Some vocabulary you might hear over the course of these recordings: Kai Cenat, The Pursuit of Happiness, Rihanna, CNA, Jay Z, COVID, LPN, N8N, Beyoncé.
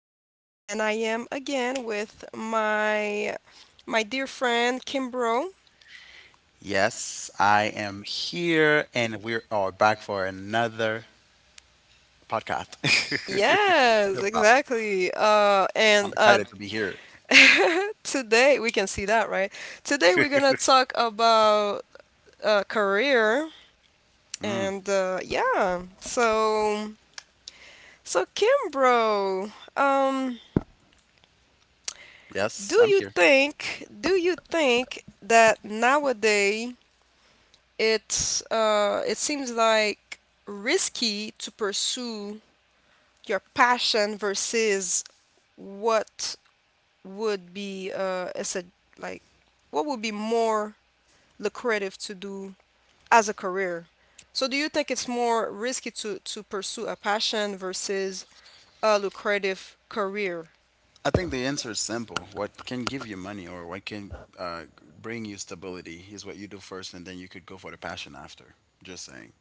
Diana, and I am again with my dear friend Kimbro. Yes, I am here and we are back for another podcast. Yes, Wow, exactly. I'm And excited to be here. today we can see that, right? Today we're gonna talk about career, Mm, and yeah. So Kimbro, um. do yes, I'm you here. think that nowadays it seems like risky to pursue your passion versus what would be as a, like, what would be more lucrative to do as a career? So do you think it's more risky to pursue a passion versus a lucrative career? I think the answer is simple. What can give you money or what can uh, bring you stability is what you do first, and then you could go for the passion after. Just saying.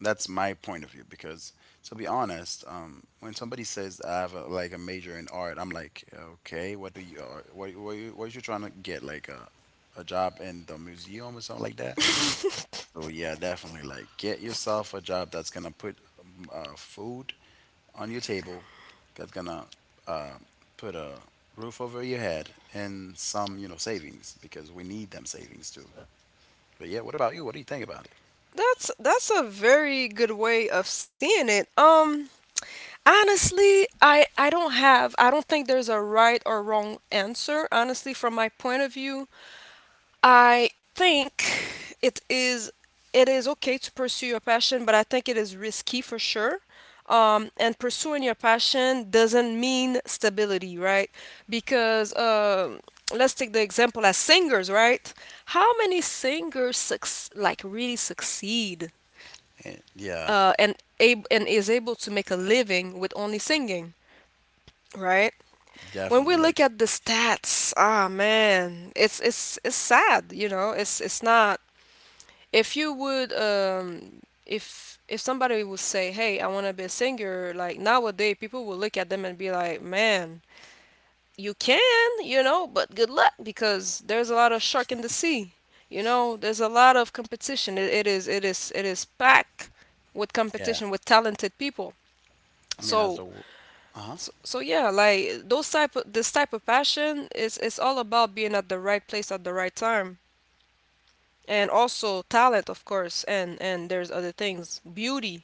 That's my point of view because, to be honest, when somebody says I have a, like a major in art, I'm like, okay, what do you, are- what you trying to get? Like a job in the museum or something like that? So yeah, definitely. Like, get yourself a job that's gonna put food on your table, that's gonna uh, put a roof over your head, and some, you know, savings because we need them savings too. But yeah, what about you? What do you think about it? That's a very good way of seeing it. Honestly, I don't think there's a right or wrong answer. Honestly, from my point of view, I think it is it is okay to pursue your passion, but I think it is risky for sure. And pursuing your passion doesn't mean stability, right? Because let's take the example as singers, right? How many singers like really succeed And yeah, uh, and and is able to make a living with only singing, right? When definitely. we Like, look at the stats, ah man, it's sad, you know. It's not if somebody would say, "Hey, I want to be a singer." Like, nowadays people will look at them and be like, "Man, you can, you know, but good luck, because there's a lot of shark in the sea. You know, there's a lot of competition. It is packed with yeah. competition, with talented people." I mean, as So the, wo- uh-huh. so yeah, like, those type of this type of passion, is it's all about being at the right place at the right time. And also talent, of course, and there's other things: beauty,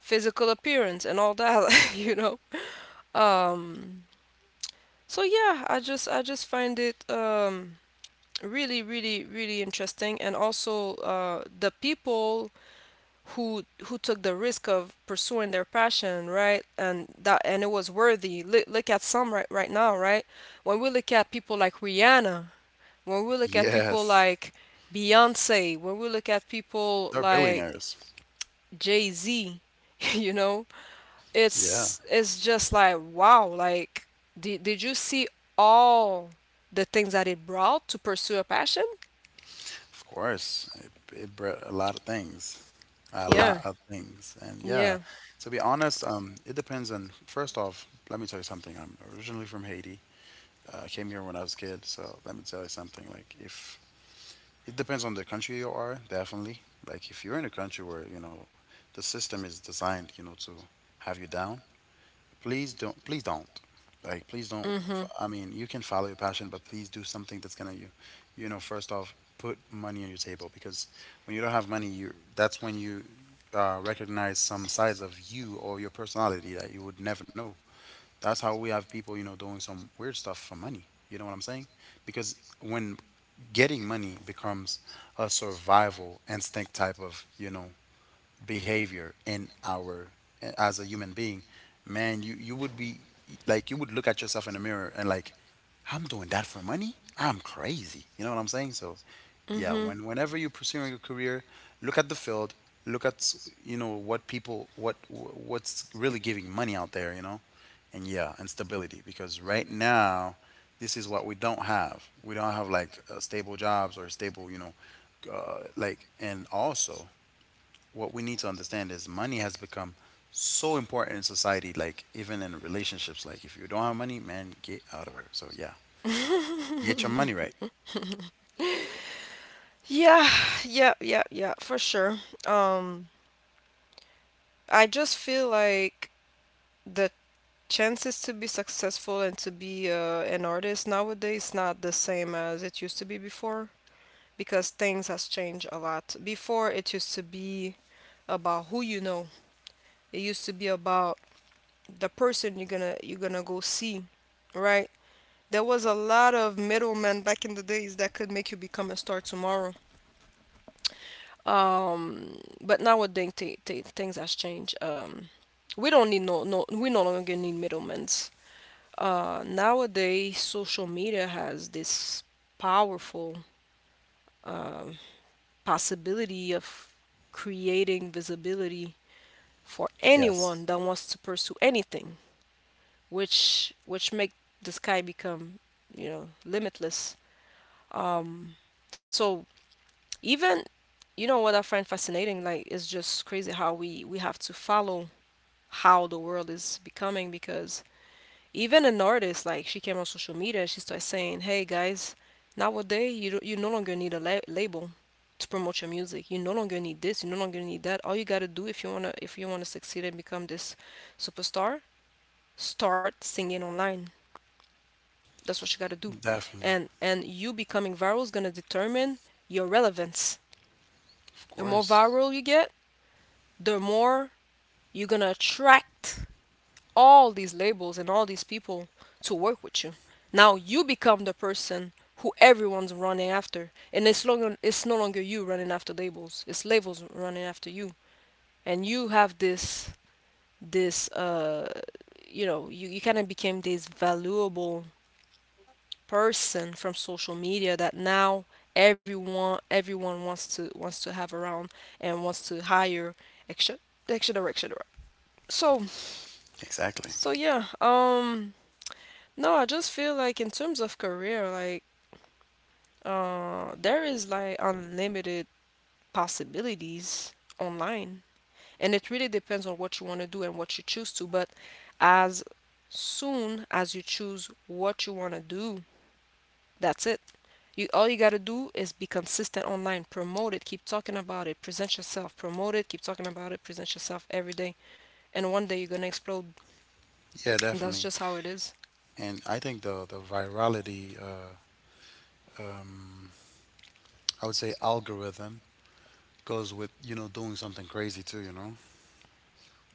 physical appearance and all that, like, you know. Um so yeah, I just find it really, really, really interesting, and also the people who took the risk of pursuing their passion, right? And it was worthy. Look, look at some right now, right? When we look at people like Rihanna, when we look at people Yes, like Beyonce, when we look at people they're like billionaires. Jay Z, you know, Yeah, it's just like, wow, like, did you see all the things that it brought to pursue a passion? of course. It bred a lot of things, a Yeah, lot of things. And yeah, yeah. to be honest, it depends on, first off, let me tell you something. I'm originally from Haiti. I came here when I was a kid, so let me tell you something. Like, if it depends on the country you are, definitely. Like, if you're in a country where, you know, the system is designed, you know, to have you down, please don't. Please don't. Like, please don't. Mm-hmm. I mean, you can follow your passion, but please do something that's gonna you, you know, first off, put money on your table because when you don't have money, you that's when you recognize some sides of you or your personality that you would never know. That's how we have people, you know, doing some weird stuff for money. You know what I'm saying? Because when getting money becomes a survival instinct type of, you know, behavior in our as a human being, man, you would be like you would look at yourself in the mirror and like I'm doing that for money. I'm crazy. You know what I'm saying? So yeah, whenever you're pursuing a career, look at the field. You know what people what's really giving money out there. You know, and yeah, and stability because right now this is what we don't have. We don't have like stable jobs or stable, you know, and also what we need to understand is money has become so important in society, like even in relationships. Like if you don't have money, man, get out of her. So yeah, get your Mm-hmm. money right. Yeah, yeah, yeah, yeah, for sure. Um, I just feel like the chances to be successful and to be an artist nowadays not the same as it used to be before, because things has changed a lot. Before, it used to be about who you know. It used to be about the person you're gonna go see, right? There was a lot of middlemen back in the days that could make you become a star tomorrow. But nowadays things has changed. We don't need no no we no longer need middlemen. Nowadays social media has this powerful um, possibility of creating visibility for Yes, anyone that wants to pursue anything, which make the sky become, you know, limitless. Um, so even, you know what I find fascinating, like, it's just crazy how we have to follow how the world is becoming. Because even an artist, like, she came on social media and she started saying, "Hey guys, nowadays you no longer need a label to promote your music. You no longer need this, you no longer need that. All you got to do, if you want to succeed and become this superstar, start singing online. That's what you got to do." definitely. And you becoming viral is going to determine your relevance. Of The more course. viral you get, the more you're going to attract all these labels and all these people to work with you. Now you become the person who everyone's running after, and it's no longer you running after labels. It's labels running after you, and you have this, you kind of became this valuable person from social media that now everyone wants to have around, and wants to hire extra extra direct, extra direct. so Exactly. so yeah. No, I just feel like, in terms of career, like, there is, like, unlimited possibilities online. And it really depends on what you want to do and what you choose to, but as soon as you choose what you want to do, that's it. You All you got to do is be consistent online, promote it, keep talking about it, present yourself, promote it, keep talking about it, present yourself every day, and one day you're going to explode. Yeah, That's definitely. just how it is. And I think the virality, um, I would say algorithm goes with, you know, doing something crazy too, you know?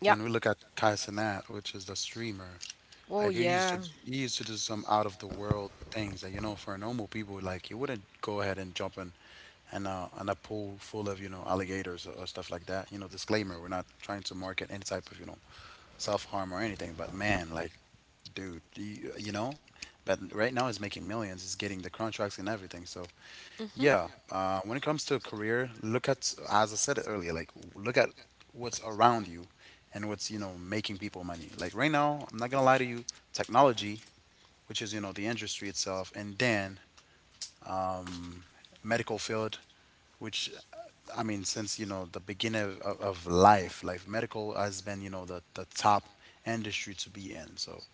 Yeah. When we look at Kai Cenat, which is the streamer, Oh like yeah. He used to do some out of the world things that you know for normal people, like you wouldn't go ahead and jump in and on a pool full of you know alligators, or stuff like that. You know, disclaimer: we're not trying to market any type of you know self harm or anything. But man, like dude, do you, you know, but right now it's making millions. It's getting the contracts and everything. So Mhm. yeah, when it comes to a career, look at as I said earlier, like look at what's around you and what's you know making people money. Like right now, I'm not gonna lie to you, technology, which is you know the industry itself, and then medical field, which I mean since you know the beginning of life, like medical has been you know the top industry to be in. So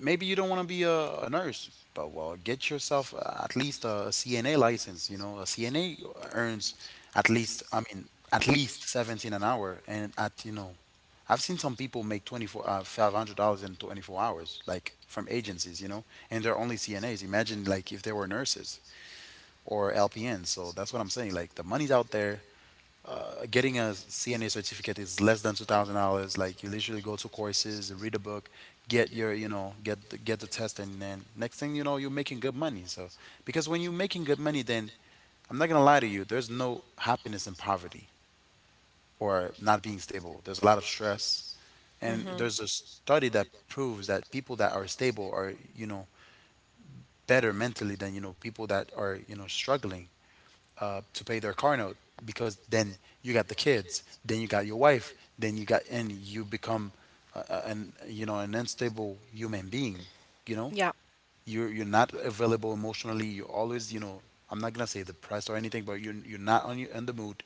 maybe you don't want to be a nurse, but well, get yourself at least CNA license. You know, a CNA earns at least, I mean, at least 17 an hour. And at, you know, I've seen some people make 24, $500 in 24 hours, like from agencies, you know, and they're only CNAs. Imagine like if they were nurses or LPNs. So that's what I'm saying. Like the money's out there. Getting a CNA certificate is less than $2,000. Like you literally go to courses, read a book, get your you know get the test, and then next thing you know you're making good money. So because when you're making good money, then I'm not gonna lie to you, there's no happiness in poverty or not being stable. There's a lot of stress, and Mhm. there's a study that proves that people that are stable are you know better mentally than you know people that are you know struggling to pay their car note because then you got the kids, then you got your wife, then you got and you become an you know an unstable human being. You know, Yeah. You're not available emotionally. You're always you know I'm not gonna say depressed or anything, but you're not on your in the mood.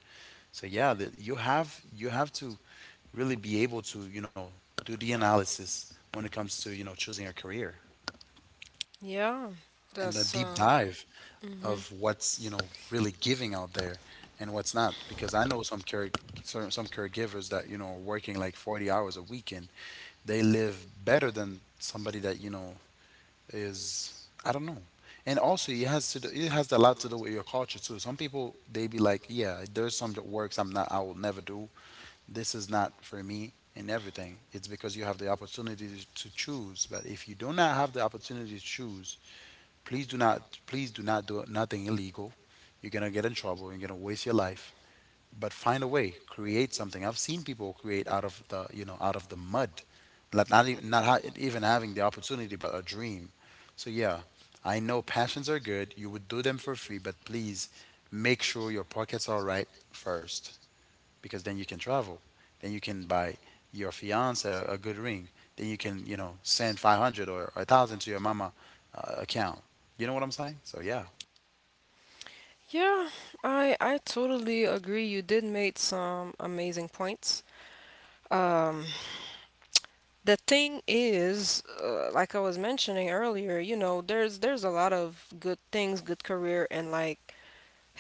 So yeah, that you have to really be able to you know do the analysis when it comes to you know choosing a career Yeah, and a that's deep dive of mhm. what's you know really giving out there and what's not because I know some caregivers that you know are working like 40 hours a week and they live better than somebody that you know is I don't know. And also it has to do, it has a lot to do with your culture too. Some people they be like yeah there's some that works I'm not I will never do this is not for me and everything it's because you have the opportunity to choose. But if you do not have the opportunity to choose, please do not, please do not do nothing illegal. You're gonna get in trouble. You're gonna waste your life. But find a way, create something. I've seen people create out of the, you know, out of the mud, like not even not ha- even having the opportunity, but a dream. So yeah, I know passions are good. You would do them for free, but please make sure your pockets are right first because then you can travel. Then you can buy your fiance a good ring. Then you can, you know, send 500 or a 1000 to your mama account. You know what I'm saying? So yeah, Yeah, I totally agree. You did make some amazing points. Um, the thing is, like I was mentioning earlier, you know, there's a lot of good things, good career, and like,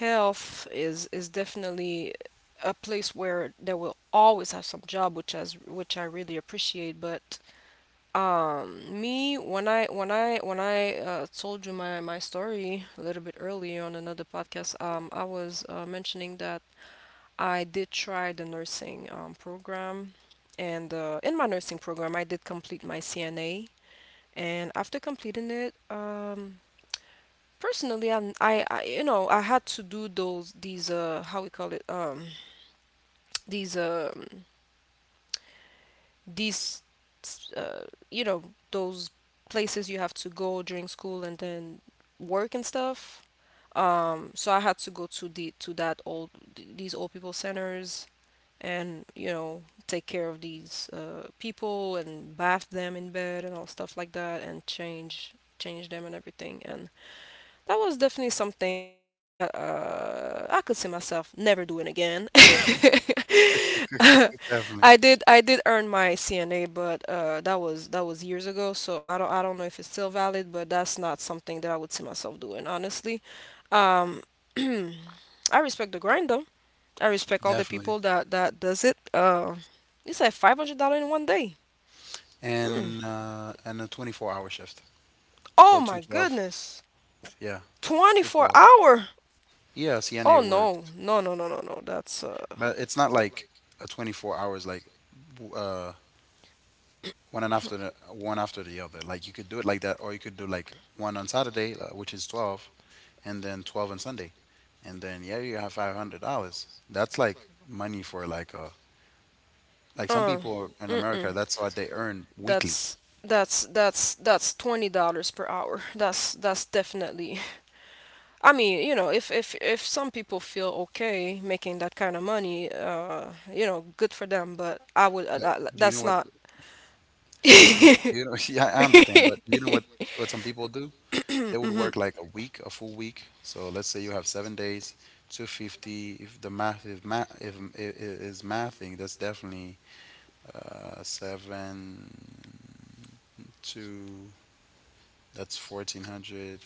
health is definitely a place where there will always have some job, which as which I really appreciate. But me when I when I when I told you my story a little bit earlier on another podcast, I was mentioning that I did try the nursing program, and in my nursing program, I did complete my CNA, and after completing it, personally, I you know I had to do those these, how we call it, these um these uh, you know those places you have to go during school and then work and stuff. So I had to go to that old, these old people centers, and, you know, take care of these people, and bath them in bed and all stuff like that, and change them and everything. And that was definitely something that I could see myself never doing again. definitely. I did earn my CNA, but that was years ago, so I don't know if it's still valid, but that's not something that I would see myself doing, honestly. Um, I respect the grind though. I respect all the Definitely. people that does it. It's like $500 in one day. Mm. And a 24-hour shift. Oh So my 212. goodness, Yeah, twenty four 212. hour. Yeah, CNA Oh no, works. no no no no no. That's But it's not like a 24 hours like w- uh one and after the one after the other. Like you could do it like that or you could do like one on Saturday, which is 12, and then 12 on Sunday. And then yeah, you have $500. That's like money for like a like some Uh, people in mm-mm. America, that's what they earn weekly. That's that's $20 per hour. That's definitely. I mean, you know, if some people feel okay making that kind of money, you know, good for them. But I would. Uh, But that, do you that's know what not. You know yeah, I understand, but do you know what some people do? They would Mhm. work like a week, a full week. So let's say you have 7 days, 250 if math if, it is mathing, that's definitely 7 2 that's 1400.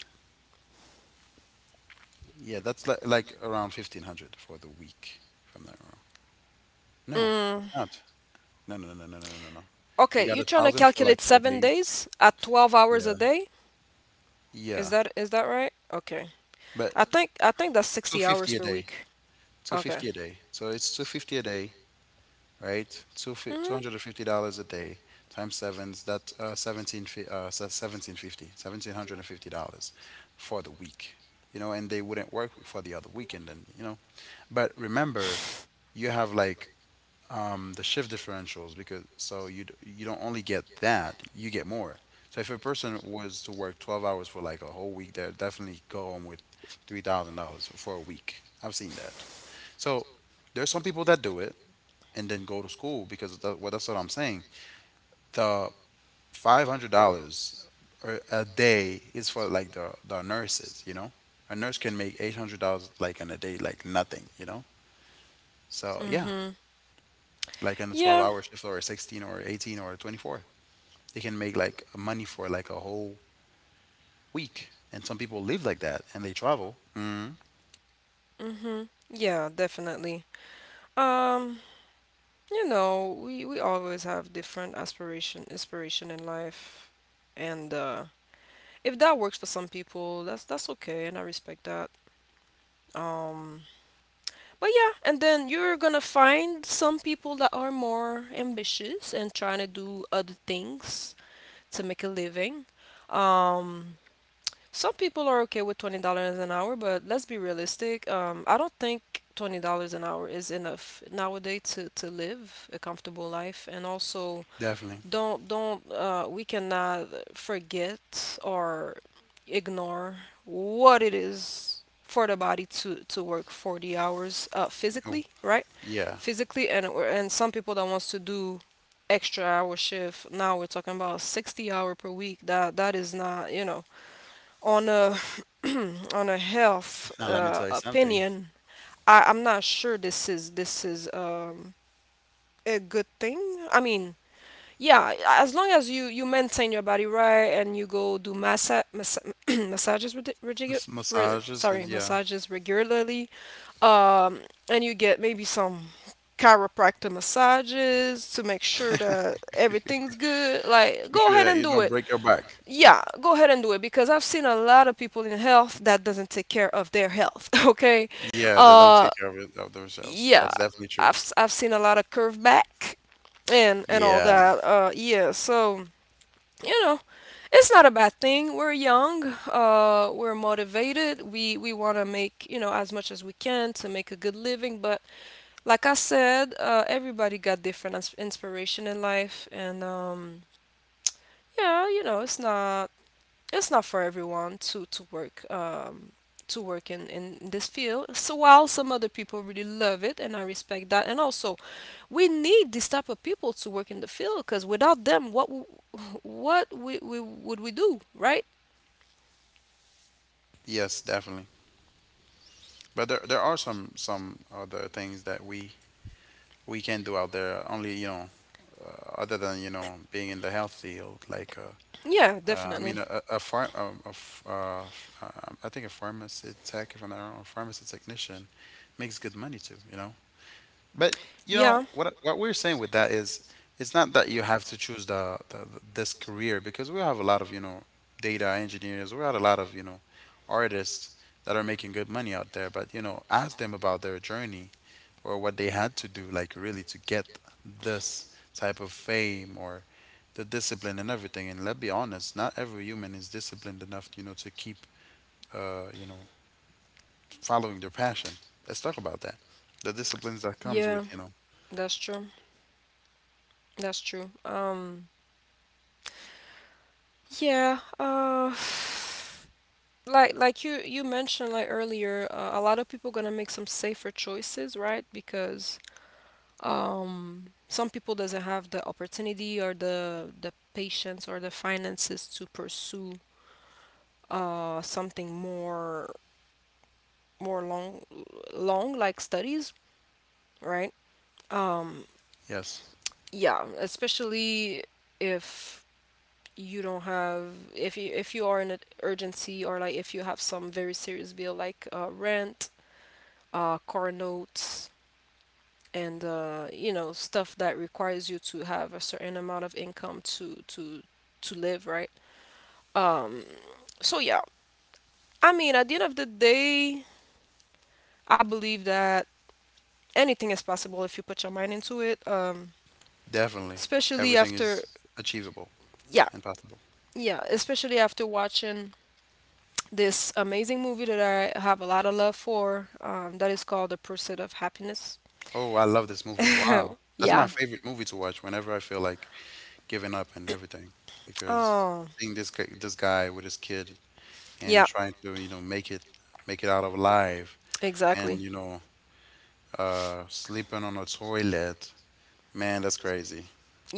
Yeah, that's like around 1500 for the week, if I'm not wrong. No, Mm. it's not. No, no, no, no, no, no, no, no. You Okay, got you a trying to thousand for like calculate four seven days. days at 12 hours a Yeah. day? Is Yeah. that is that right? Okay, But I think that's 60 hours 250 a per day. week. Okay. 250 a day. So it's 250 a day, right? Two Mm-hmm. $250 a day times sevens, that seventeen fifty seventeen hundred and fifty dollars for the week. You know, and they wouldn't work for the other weekend and, you know. But remember, you have like the shift differentials because you don't only get that, you get more. So if a person was to work 12 hours for like a whole week, they'll definitely go home with $3,000 for a week. I've seen that. So there's some people that do it and then go to school because that, well, that's what I'm saying. The $500 a day is for like the nurses, you know? A nurse can make $800 like in a day, like nothing, you know? So yeah, Mm-hmm. like in a 12 Yeah, hour shift or a 16 or 18 or 24. They can make like money for like a whole week. And some people live like that and they travel. Mm, mm-hmm. Yeah, definitely. Um, you know, we always have different aspiration, inspiration in life, and if that works for some people, that's okay, and I respect that. Um, but yeah, and then you're gonna find some people that are more ambitious and trying to do other things to make a living. Um, Some people are okay with $20 an hour, but let's be realistic. I don't think $20 an hour is enough nowadays to live a comfortable life. And also, definitely. don't, we cannot forget or ignore what it is for the body to work 40 hours, physically, Oh, right? yeah. Physically, and some people that wants to do extra hour shift, now we're talking about 60 hour per week, that is not, you know, on a health Now let me tell you something. opinion, I'm not sure this is a good thing. I mean, yeah, as long as you maintain your body right and you go do massa massa massages redi- regi- Mas- re- massages sorry and yeah, massages regularly, um, and you get maybe some chiropractor massages to make sure that everything's good. Like, make go sure ahead that and you do don't it. break your back. Yeah, go ahead and do it, because I've seen a lot of people in health that doesn't take care of their health, okay? Yeah, they don't Uh take care of, it, of themselves. yeah, That's definitely true. I've seen a lot of curve back and all Yeah. that. Yeah, so, you know, it's not a bad thing. We're young, we're motivated. We want to make, as much as we can to make a good living, but like I said, everybody got different inspiration in life and it's not for everyone to work to work in this field. So while some other people really love it, and I respect that. And also, we need this type of people to work in the field because without them what we would we do, right? Yes, definitely. But there are some other things that we can do out there. Only, other than being in the health field, like Yeah, I mean, definitely. A farm, a, I think a pharmacy tech, if I'm not wrong, a pharmacy technician makes good money too. But you know Yeah, what? What we're saying with that is, it's not that you have to choose the this career, because we have a lot of data engineers, we have a lot of artists that are making good money out there. But ask them about their journey or what they had to do, like really to get this type of fame or the discipline and everything. And let's be honest, not every human is disciplined enough, to keep uh, you know, following their passion. Let's talk about that. The disciplines that comes yeah, with, that's true that's true. Yeah. Like you mentioned, like earlier, a lot of people gonna make some safer choices, right? Because some people doesn't have the opportunity or the patience or the finances to pursue something more long, like studies, right? um, yes, yeah, especially if you don't have if you are in an urgency, or like if you have some very serious bill like rent, car notes, and stuff that requires you to have a certain amount of income to live, right? um so yeah, I mean, at the end of the day, I believe that anything is possible if you put your mind into it. Definitely, Especially everything after is achievable Yeah, and possible. yeah, especially after watching this amazing movie that I have a lot of love for, that is called The Pursuit of Happiness. Oh, I love this movie. Wow. That's my Yeah. favorite movie to watch whenever I feel like giving up and everything. Because Oh seeing this guy with his kid and yeah, trying to, make it out alive and, exactly. Sleeping on a toilet. Man, that's crazy.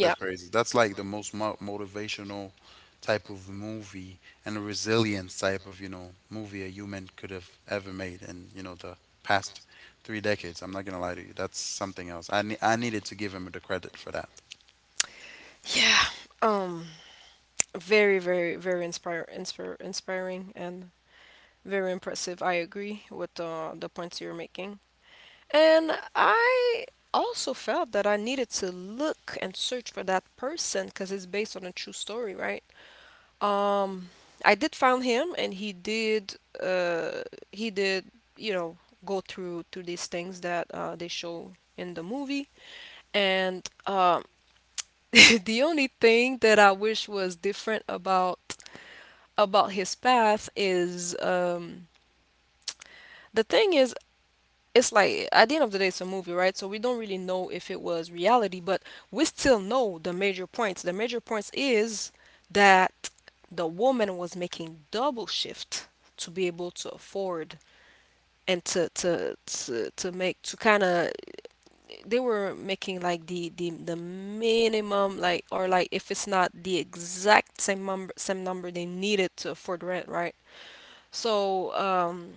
That's crazy. That's like the most mo motivational type of movie and a resilience type of, movie a human could have ever made in, the past 3 decades. I'm not gonna lie to you. That's something else. I needed to give him the credit for that. yeah. um Very, very, very inspiring and very impressive. I agree with the points you're making. And I also felt that I needed to look and search for that person because it's based on a true story, right? Um, I did find him, and uh, he did, you know, go through to these things that they show in the movie. And the only thing that I wish was different about his path is, the thing is, it's like at the end of the day it's a movie, right? So we don't really know if it was reality, but we still know The major points is that the woman was making double shift to be able to afford, and to make, to kind of, they were making like the minimum, like, or like if it's not the exact same number they needed to afford rent, right? so um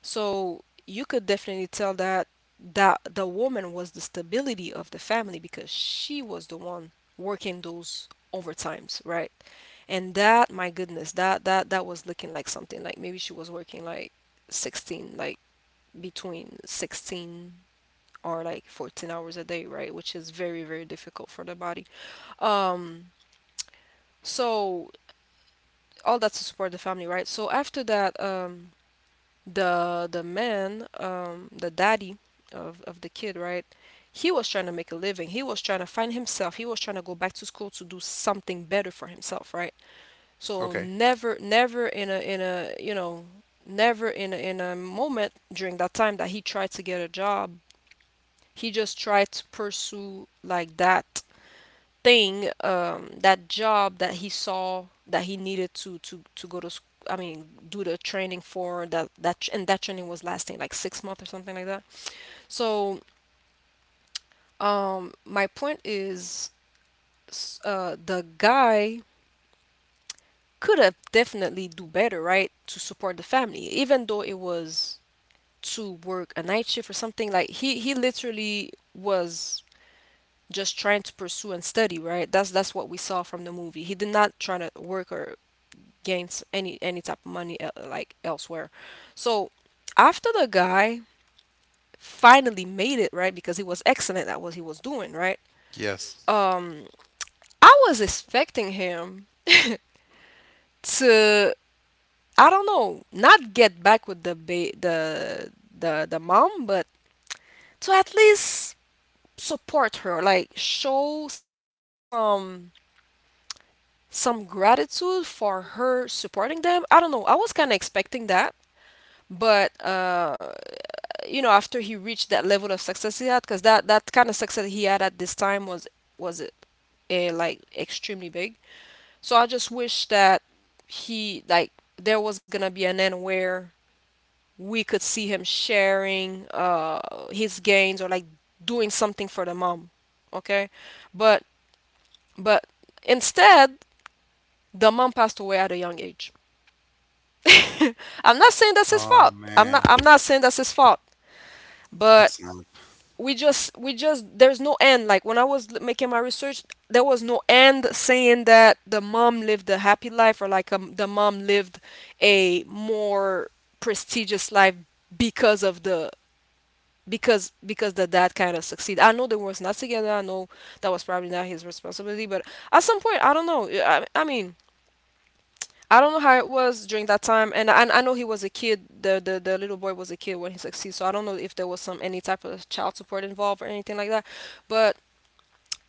So you could definitely tell that the woman was the stability of the family because she was the one working those overtimes, right? And that, my goodness, that was looking like something, like maybe she was working like 16, like between 16 or like 14 hours a day, right? Which is very, very difficult for the body. Um, so all that to support the family, right? So after that, the man, the daddy of the kid, right? He was trying to make a living. He was trying to find himself. He was trying to go back to school to do something better for himself, right? So Okay. never, in a in a you know never in a, in a moment during that time that he tried to get a job, he just tried to pursue like that thing, that job that he saw that he needed to go to, I mean, do the training for And that training was lasting like 6 months or something like that. So, my point is, the guy could have definitely do better, right, to support the family, even though it was to work a night shift or something. Like, he literally was just trying to pursue and study, right? That's what we saw from the movie. He did not try to work or gains any type of money like elsewhere. So after the guy finally made it, right, because he was excellent at what he was doing, right. Yes. Um, I was expecting him to, I don't know, not get back with the mom, but to at least support her, like show some gratitude for her supporting them. I don't know, I was kind of expecting that. But after he reached that level of success he had, because that, that kind of success he had at this time was like extremely big. So I just wish that he, like, there was gonna be an end where we could see him sharing his gains, or like doing something for the mom. Okay. But but instead, the mom passed away at a young age. I'm not saying that's his Oh fault. i'm man, not i'm not saying that's his fault. But it's not. we just, there's no end. Like when I was making my research, there was no end saying that the mom lived a happy life, or like, the mom lived a more prestigious life because of the because the dad kind of succeed. I know they was not together. I know that was probably not his responsibility. But at some point, I don't know. I mean, I don't know how it was during that time. And I know he was a kid. The little boy was a kid when he succeeded. So I don't know if there was some any type of child support involved or anything like that. But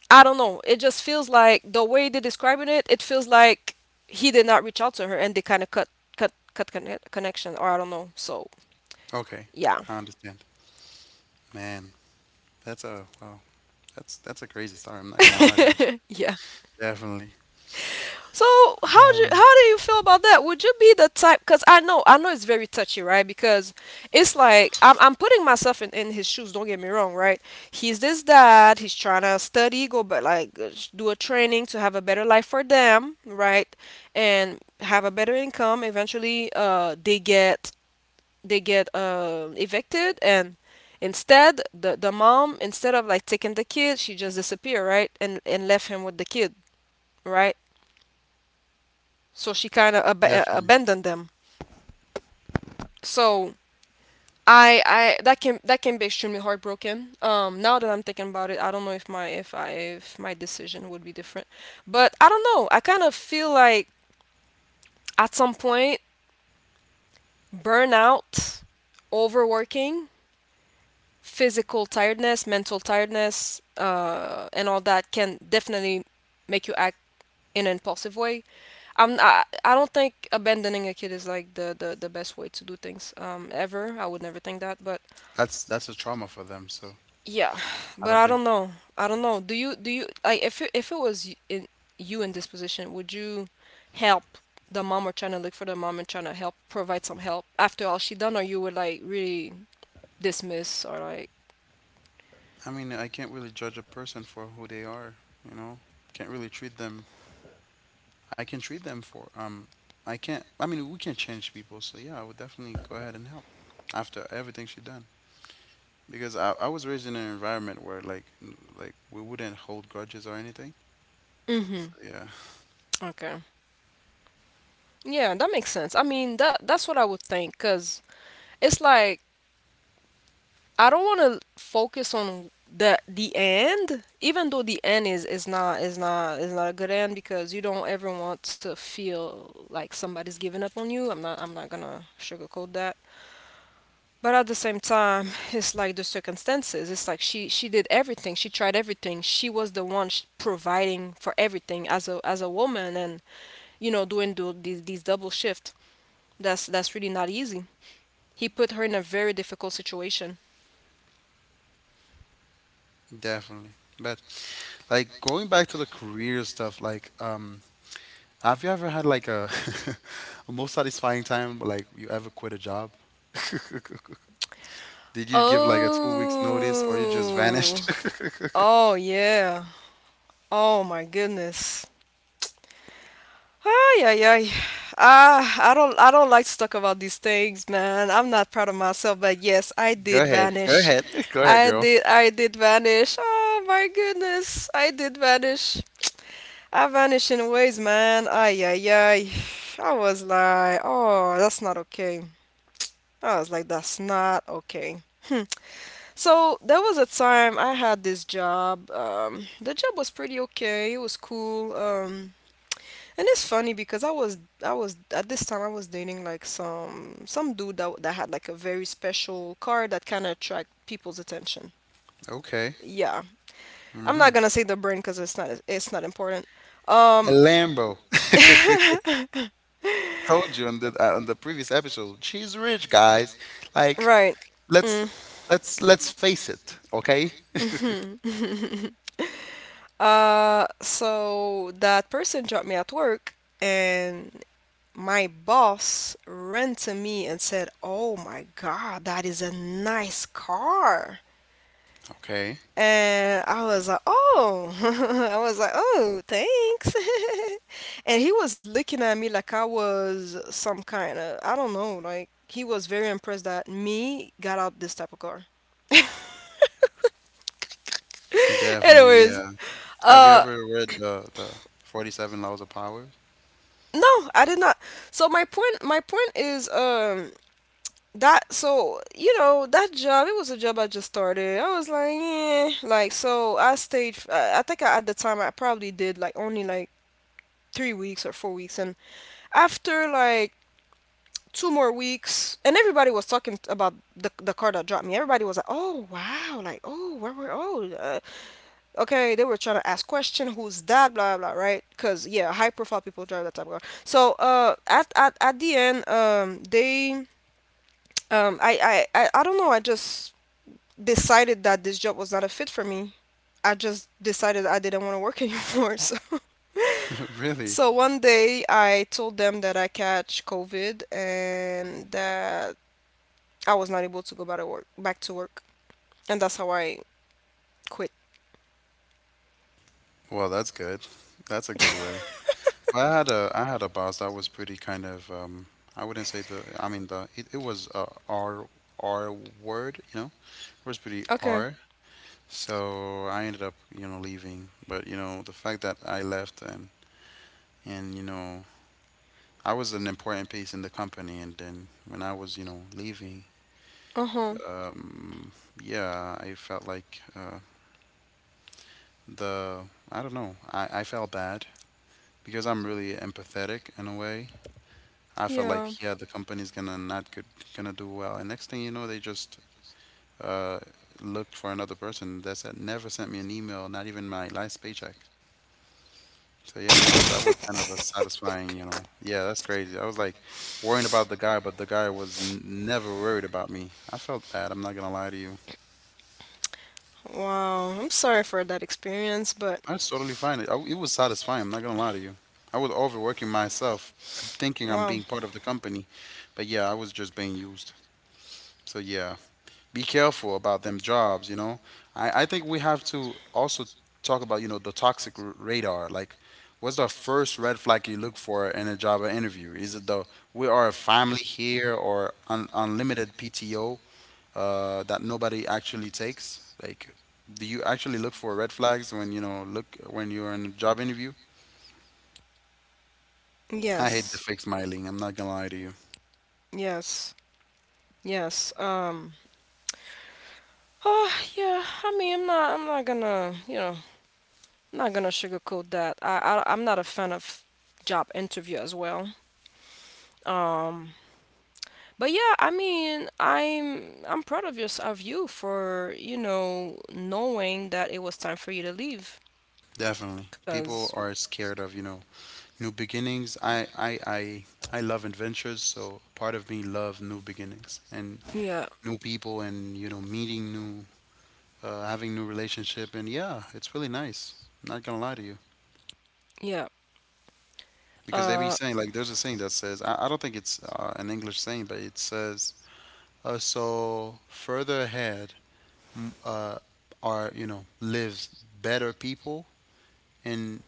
I don't know. It just feels like the way they're describing it, it feels like he did not reach out to her, and they kind of cut connection, or I don't know. So Okay, yeah. I understand. Man, that's a wow. That's a crazy story. I'm not gonna lie to you. Yeah. Definitely. So how do you, Um, how do you feel about that? Would you be the type? Because I know it's very touchy, right? Because it's like I'm putting myself in his shoes. Don't get me wrong, right? He's this dad. He's trying to study, go, but like, do a training to have a better life for them, right? And have a better income. Eventually, they get, evicted. And instead, the mom, instead of like taking the kid, she just disappeared, right? And left him with the kid, right? So she kind of definitely. abandoned them. So I that can be extremely heartbroken. Now that I'm thinking about it, I don't know if my decision would be different, but I don't know. I kind of feel like at some point, burnout, overworking, physical tiredness, mental tiredness, and all that can definitely make you act in an impulsive way. I don't think abandoning a kid is like the best way to do things ever. I would never think that, but That's a trauma for them, so yeah, I but don't I think. don't know. I don't know. Do you like, if it was you in this position, would you help the mom, or trying to look for the mom and trying to help provide some help after all she done, or you would like really dismiss, or like? I mean, I can't really judge a person for who they are, you know? Can't really treat them. I can treat them for I can't I mean, we can't change people, so yeah, I would definitely go ahead and help after everything she done. Because I was raised in an environment where like we wouldn't hold grudges or anything. Mm-hmm. So yeah, Okay. Yeah, that makes sense. I mean, that's what I would think, cause it's like, I don't want to focus on the end, even though the end is not a good end because you don't ever want to feel like somebody's giving up on you. I'm not gonna sugarcoat that. But at the same time, it's like the circumstances. It's like, she did everything. She tried everything. She was the one providing for everything as a woman. And doing these double shift. That's really not easy. He put her in a very difficult situation. definitely. But like going back to the career stuff, like have you ever had like a most satisfying time like you ever quit a job? Did you give like a 2 weeks notice, or you just Oh. vanished? Oh yeah. Oh my goodness. Ay ay ay. I don't like to talk about these things, man. I'm not proud of myself, but yes, I Go did ahead. Go vanish. ahead. Go ahead, I girl. did I did vanish. Oh my goodness. I did vanish. I vanished in ways, man. Ay ay ay. I was like, oh, that's not okay. I was like, that's not okay. Hmm. So there was a time I had this job. The job was pretty okay. It was cool. And it's funny because I was at this time I was dating like some dude that had like a very special car that kind of attract people's attention. Okay. Yeah, I'm Mm-hmm. not gonna say the brand because it's not important. A Um, Lambo. Told you on the previous episode, she's rich, guys. Like, right. let's Mm, let's face it, okay? mhm. So that person dropped me at work, and my boss ran to me and said, "Oh my God, that is a nice car." Okay. And I was like, "Oh." I was like, "Oh, thanks." And he was looking at me like I was some kind of, I don't know, like he was very impressed that me got out this type of car. Definitely, Anyways, yeah. Have you ever uh, read the 47 Laws of Power? no, I did not. So my point is, that so you know that job, it was a job I just started. I was like, yeah, like, so I stayed I think at the time I probably did like only like 3 weeks or 4 weeks, and after like two more weeks, and everybody was talking about the car that dropped me. Everybody was like, oh wow, like, oh where were oh okay, they were trying to ask question, who's that, blah blah, right? Because yeah, high profile people drive that type of car. So at the end, they I don't know, I just decided that this job was not a fit for me. I just decided I didn't want to work anymore. So, Really? so one day I told them that I catch COVID and that I was not able to go back to work. Back to work, and that's how I quit. Well, that's good. That's a good way. Well, I had a boss that was pretty kind of I wouldn't say the I mean, it was a R word, you know. It was pretty Okay. R. So I ended up, leaving. But, the fact that I left, and I was an important piece in the company. And then when I was, leaving, Uh huh. um yeah, I felt like uh the I don't know. I felt bad because I'm really empathetic in a way. I felt Yeah. like, yeah, the company's gonna not good, gonna do well. And next thing you know, they just uh, looked for another person. That's it. Never sent me an email, not even my last paycheck. So yeah, that was kind of a satisfying, you know. Yeah, that's crazy. I was like worrying about the guy, but the guy was n never worried about me. I felt bad. I'm not gonna lie to you. Wow. I'm sorry for that experience, but I was totally fine. It was satisfying. I'm not gonna lie to you. I was overworking myself, thinking I'm wow. being part of the company, but yeah, I was just being used. So yeah, be careful about them jobs. I think we have to also talk about the toxic radar. Like, what's the first red flag you look for in a job or interview? Is it the "we are a family here" or unlimited PTO that nobody actually takes? Like, do you actually look for red flags when look when you're in a job interview? I hate the Yes. fake smiling. I'm not gonna lie to you. Yes. Yes. Oh yeah. I mean, I'm not. I'm not gonna. You know, I'm not gonna sugarcoat that. I'm not a fan of job interview as well. Um, but yeah, I mean, I'm proud of you for knowing that it was time for you to leave. Definitely, Cause people are scared of new beginnings. I love adventures, so part of me love new beginnings and yeah, new people and, meeting new, having new relationship. And yeah, it's really nice. I'm not gonna lie to you. yeah. Because they be Uh, saying, like, there's a saying that says, I don't think it's, an English saying, but it says, so further ahead, m- uh, are, lives better people, and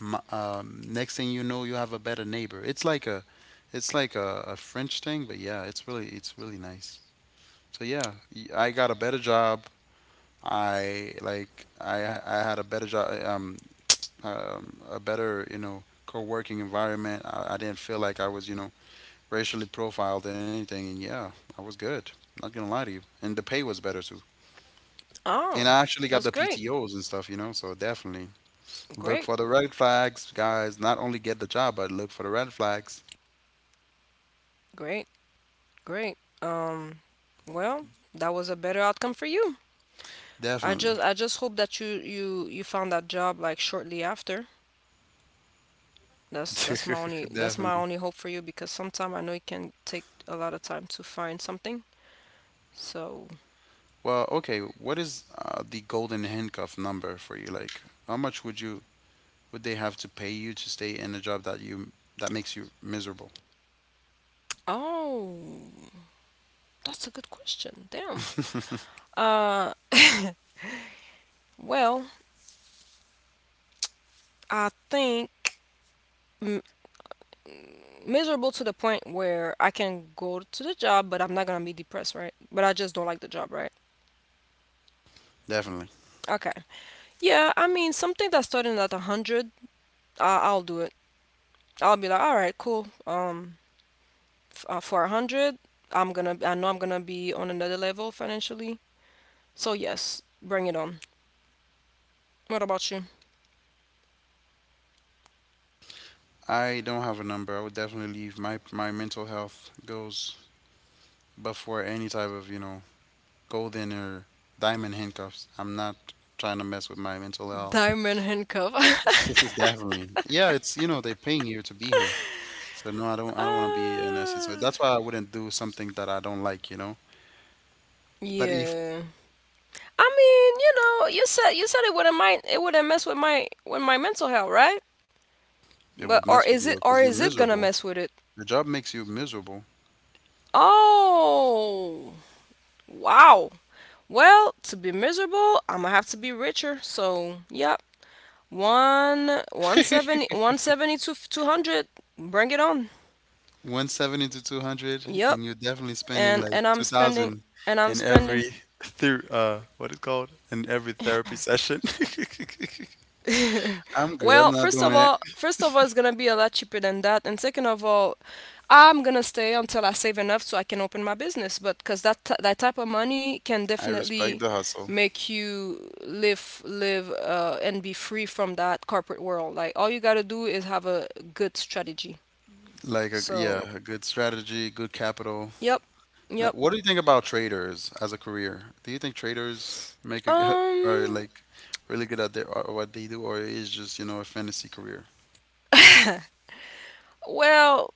next thing you know, you have a better neighbor. It's like a French thing, but yeah, it's really nice. So yeah, I got a better job. I like I had a better job, a better co-working environment. I didn't feel like I was racially profiled or anything, and yeah, I was good. Not gonna lie to you, and the pay was better too. oh, And I actually got that's the great, PTOS and stuff. So definitely, look great, for the red flags, guys. Not only get the job, but look for the red flags. great, great. Um, well, that was a better outcome for you. Definitely. I just hope that you found that job like shortly after. That's my Definitely. only hope for you, because sometimes I know it can take a lot of time to find something. So, Well, okay, what is the golden handcuff number for you? Like, how much would they have to pay you to stay in a job that makes you miserable? oh, that's a good question. Damn. Uh, well, I think m- miserable to the point where I can go to the job, but I'm not gonna be depressed, right? But I just don't like the job, right? Definitely. Okay. Yeah, I mean something that's starting at a hundred, I'll do it. I'll be like, all right, cool. For a hundred, I know I'm gonna be on another level financially. So yes, bring it on. What about you? I don't have a number. I would definitely leave. My mental health goes before any type of, golden or diamond handcuffs. I'm not trying to mess with my mental health. Diamond handcuff. Definitely. Yeah, it's, they're paying you to be here. So no, I don't want to be an asset. So Ah, that's why I wouldn't do something that I don't like. But if yeah. I mean, you know, you said it wouldn't mess with my mental health, right? it But would or mess with is you it because you're gonna miserable. mess with it? The job makes you miserable. Oh, wow. Well, to be miserable, I'm gonna have to be richer. So, yep. One 170 to 200. Bring it on. 170 to 200, Yep. and you're definitely spending And like and 2000 I'm in spending. every ther what it called? In every therapy session. I'm good. Well, I'm not doing it. First of all, it's gonna be a lot cheaper than that, and second of all, I'm gonna stay until I save enough so I can open my business. But because that type of money can I respect definitely the hustle. make you live, and be free from that corporate world. Like, all you gotta do is have a good strategy. Yeah, So, a good strategy, good capital, yep, yep. what do you think about traders as a career? Do you think traders make a g- are Um, like really good at what they do, or is just, a fantasy career? well,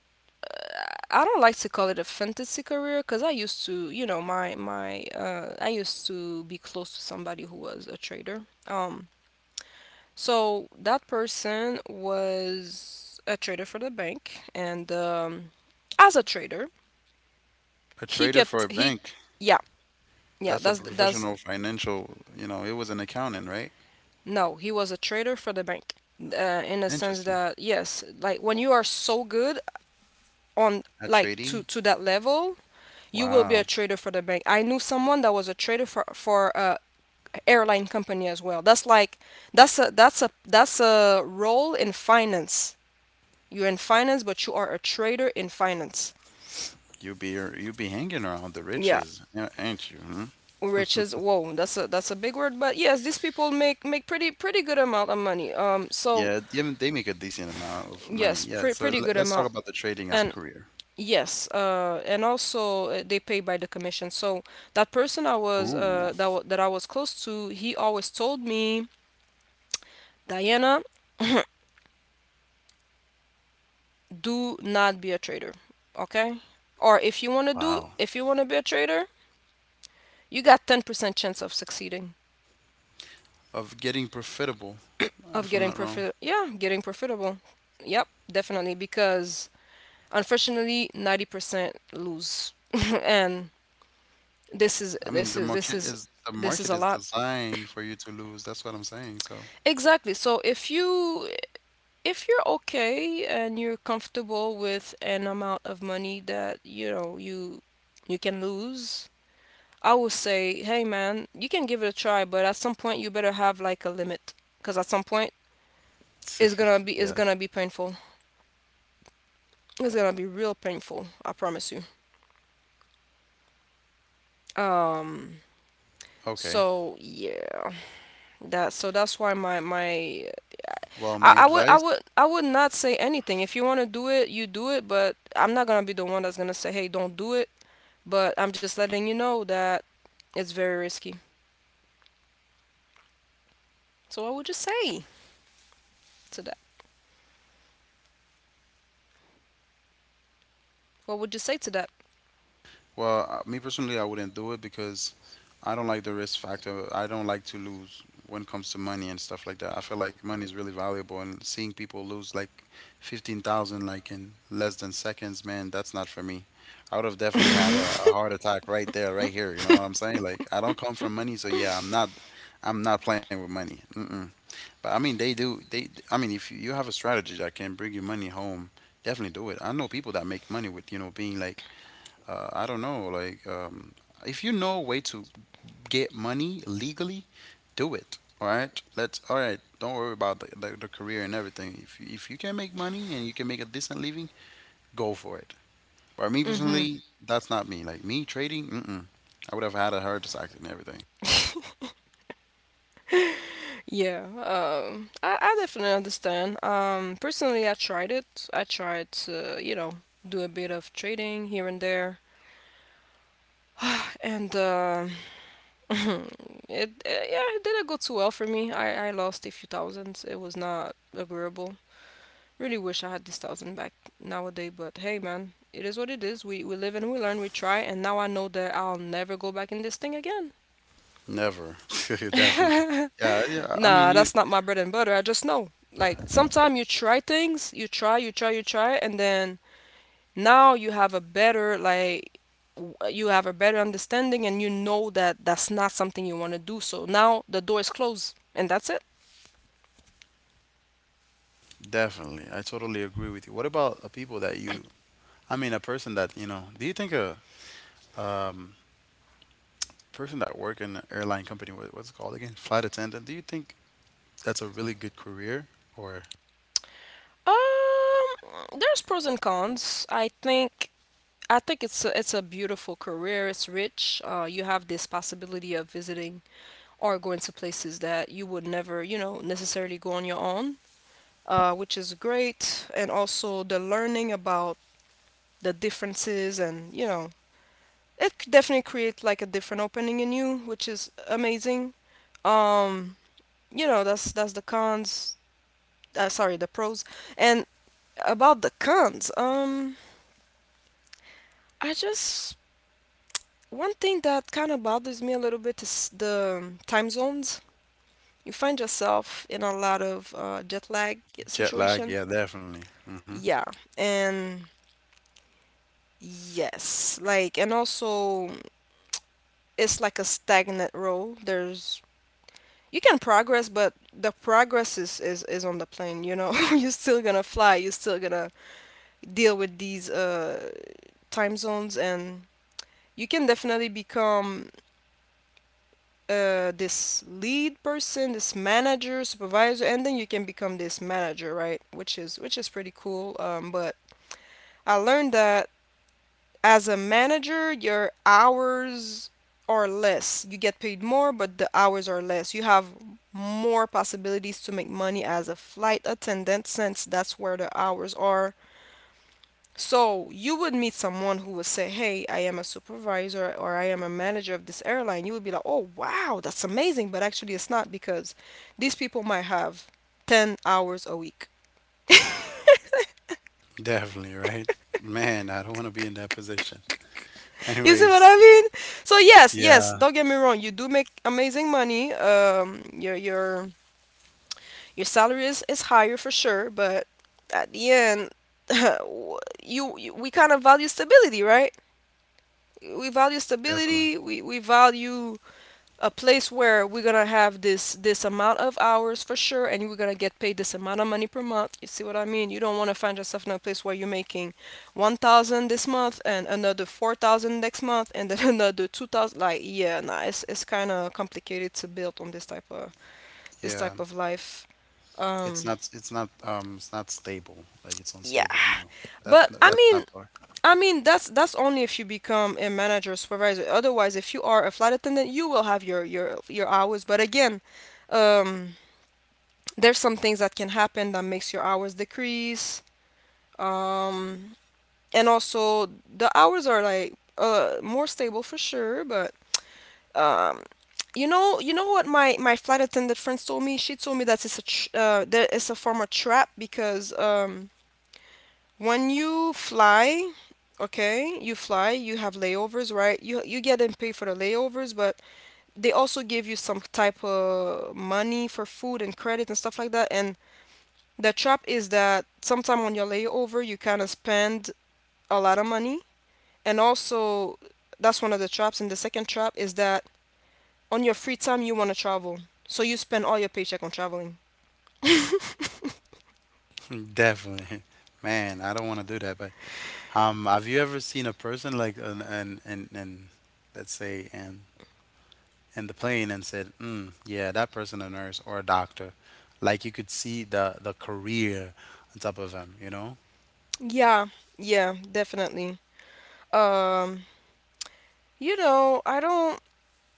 I don't like to call it a fantasy career because I used to, you know, my I used to be close to somebody who was a trader. Um, so that person was a trader for the bank, and as a trader, A he trader for kept a he, bank, yeah, yeah. that's a That's professional financial, it was an accountant, right? no, he was a trader for the bank. In a sense Interesting. that yes, like when you are so good on, At like, trading? to that level, you will be a Wow. trader for the bank. I knew someone that was a trader for airline company as well. That's like that's a role in finance. You're in finance, but you are a trader in finance. You be you be hanging around the Yeah, riches, ain't you? Hmm? which is whoa, that's a big word, but yes, these people make pretty good amount of money. So Yeah, yeah, they make a decent amount of money. yes, Yeah, so pretty le- good let's talk amount, about the trading as a and career. yes, and also they pay by the commission. So that person I was Ooh, that I was close to, he always told me, Diana, do not be a trader, okay? Or if you want to wow. Be a trader, you got 10% chance of succeeding, Of getting profitable, if of I'm not wrong. Getting profitable. Yep, definitely, because unfortunately 90% lose. And this is I mean, this the is this market is is the this is market a is lot. designed for you to lose. That's what I'm saying. So, Exactly. So if you if you're okay and you're comfortable with an amount of money that, you know, you can lose, I would say, hey man, you can give it a try, but at some point you better have like a limit, because at some point it's yeah. gonna be painful. It's gonna be real painful. I promise you. Um. Okay. So yeah, that so that's why my my Well, my advice I would not say anything. If you want to do it, you do it. But I'm not gonna be the one that's gonna say, hey, don't do it. But I'm just letting you know that it's very risky. So what would you say to that? What would you say to that? Well, me personally, I wouldn't do it because I don't like the risk factor. I don't like to lose when it comes to money and stuff like that. I feel like money is really valuable, and seeing people lose like 15,000 like in less than seconds, man, that's not for me. I would have definitely had a heart attack right there, right here. You know what I'm saying? Like, I don't come from money, so yeah, I'm not playing with money. Mm-mm. But I mean, they do. I mean, if you have a strategy that can bring you money home, definitely do it. I know people that make money with, being like, I don't know, like, if you know a way to get money legally, do it. All right, let's. All right, don't worry about the career and everything. If you can make money and you can make a decent living, go for it. But me Mm-hmm. personally, that's not me. Like me trading, mm-mm. I would have had a heart attack and everything. Yeah, I definitely understand. Personally, I tried it. I tried to, you know, do a bit of trading here and there, and it, it didn't go too well for me. I lost a few thousands. It was not agreeable. Really wish I had this thousand back nowadays, but hey, man, it is what it is. We live and we learn. We try, and now I know that I'll never go back in this thing again. Never, definitely. Yeah, yeah. I mean, Nah, you that's not my bread and butter. I just know. Like, sometimes you try things, you try, you try, you try, and then now you have a better, like, you have a better understanding, and you know that that's not something you want to do. So now the door is closed and that's it. definitely. I totally agree with you. What about people that you? I mean, a person that you know. Do you think a um person that work in an airline company, what's it called again? Flight attendant. Do you think that's a really good career or There's pros and cons. I think it's a beautiful career. It's rich. You have this possibility of visiting or going to places that you would never, you know, necessarily go on your own. Uh, which is great, and also the learning about the differences, and you know, definitely creates like a different opening in you, which is amazing. Um, you know, that's the cons. Sorry, the pros. And about the cons, I just, one thing that kind of bothers me a little bit is the time zones. You find yourself in a lot of jet lag jet lag? situation. Yeah, definitely. Hmm. Yeah, and yes, like, and also it's like a stagnant road. There's, you can progress, but the progress is on the plane. You know, you're still gonna fly. You're still gonna deal with these time zones, and you can definitely become this lead person, this manager, supervisor, and then you can become this manager, right? Which is pretty cool. But I learned that as a manager, your hours are less. You get paid more, but the hours are less. You have more possibilities to make money as a flight attendant, since that's where the hours are. So, you would meet someone who would say, hey, I am a supervisor, or I am a manager of this airline. You would be like, oh, wow, that's amazing. But actually, it's not, because these people might have 10 hours a week. Definitely, right? Man, I don't want to be in that position. You see Anyways, what I mean? So yes, yes. yeah, Don't get me wrong. You do make amazing money. Your salary is higher for sure, but at the end, w- you we kind of value stability, right? We value definitely. stability. We value a place where we're gonna have this amount of hours for sure, and we're gonna get paid this amount of money per month. You see what I mean? You don't want to find yourself in a place where you're making 1000 this month and another 4000 next month, and then another 2000, like, yeah, nah, it's kind of complicated to build on this Yeah. type of life. It's um not it's not um it's not stable. Like it's yeah, unstable. No. That but that's not for. I mean, that's only if you become a manager, supervisor. Otherwise, if you are a flight attendant, you will have your hours. But again, um there's some things that can happen that makes your hours decrease. um and also the hours are like, more stable for sure, but um you know, what my flight attendant friends told me she told me, that it's a that it's a form of trap, because when you fly, okay you fly, you have layovers, right? You get and pay for the layovers, but they also give you some type of money for food and credit and stuff like that. And the trap is that sometime on your layover you kind of spend a lot of money, and also that's one of the traps. And the second trap is that on your free time you want to travel, so you spend all your paycheck on traveling. Definitely. Man, I don't want to do that, but have you ever seen a person like an let's say an in the plane and said, "Yeah, that person a nurse or a doctor." Like you could see the career on top of them? Yeah, yeah, definitely. Um, I don't.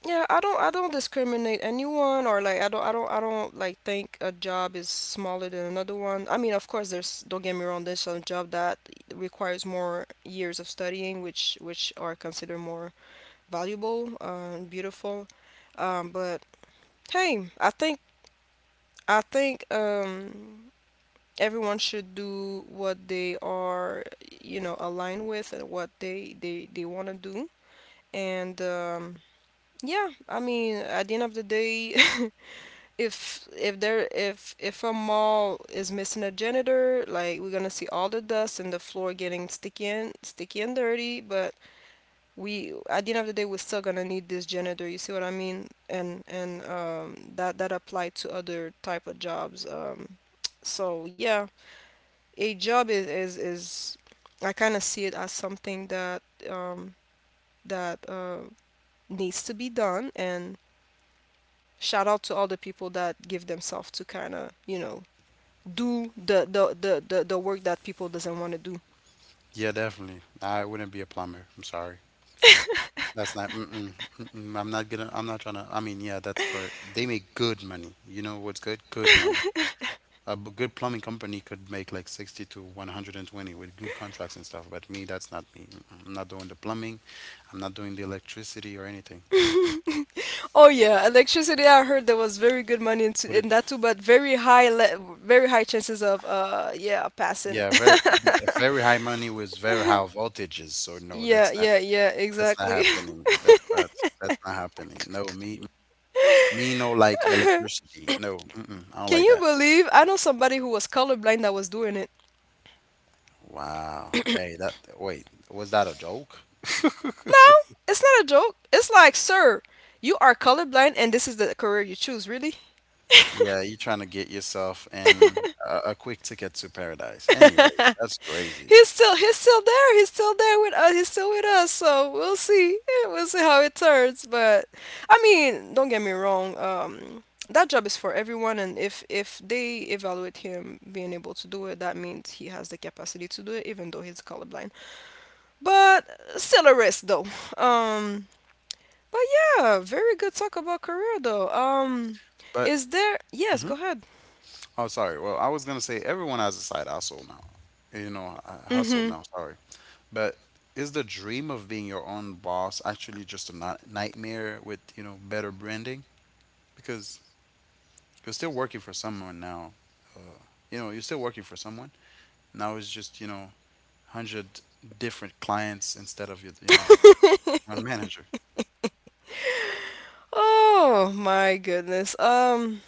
Yeah, I don't discriminate anyone, or like I don't like think a job is smaller than another one. I mean, of course there's, don't get me wrong, there's some job that requires more years of studying, which are considered more valuable and beautiful. But hey, I think everyone should do what they are, you know, aligned with and what they want to do. And yeah, I mean, at the end of the day, if there, if a mall is missing a janitor, like we're gonna see all the dust and the floor getting sticky and sticky and dirty. But we, at the end of the day, we're still gonna need this janitor. You see what I mean? And that apply to other type of jobs. So yeah, a job is I kind of see it as something that um, that uh, needs to be done. And shout out to all the people that give themselves to kind of, you know, do the work that people doesn't want to do. Yeah, definitely. I wouldn't be a plumber. I'm sorry. That's not. Mm-mm, mm-mm, I'm not gonna. I'm not trying to. I mean, yeah, that's for. They make good money. You know what's good? Good money. Good plumbing company could make like 60 to 120 with good contracts and stuff. But me, that's not me. Mm-mm, I'm not doing the plumbing. I'm not doing the electricity or anything. Oh yeah, electricity. I heard there was very good money What? in that too, but very high le- very high chances of yeah, passing. Yeah, very A very high money with very high voltages. So no, Yeah, yeah, yeah, that's not exactly. happening. That's not happening. No, me no like electricity. No, mm-mm, I don't Can like you that. believe I know somebody who was colorblind that was doing it? Wow. Hey, that wait, was that a joke? No, it's not a joke. It's like, sir, you are colorblind and this is the career you choose? Really? Yeah, you trying to get yourself in a quick ticket to paradise. Anyway, that's crazy. He's still there. He's still there with us. He's still with us. So we'll see. Yeah, we'll see how it turns. But I mean, don't get me wrong. That job is for everyone, and if they evaluate him being able to do it, that means he has the capacity to do it, even though he's colorblind. But still a risk, though. Um, but yeah, very good talk about career, though. But Is there? Yes, go mhm. ahead. Oh, sorry. Well, I was gonna say everyone has a side hustle now. You know, a hustle Mm-hmm. now. Sorry. But is the dream of being your own boss actually just a nightmare with, you know, better branding? Because you're still working for someone now. Uh, you know, you're still working for someone. Now it's just, you know, 100 different clients instead of, your, you know, one manager. Oh my goodness.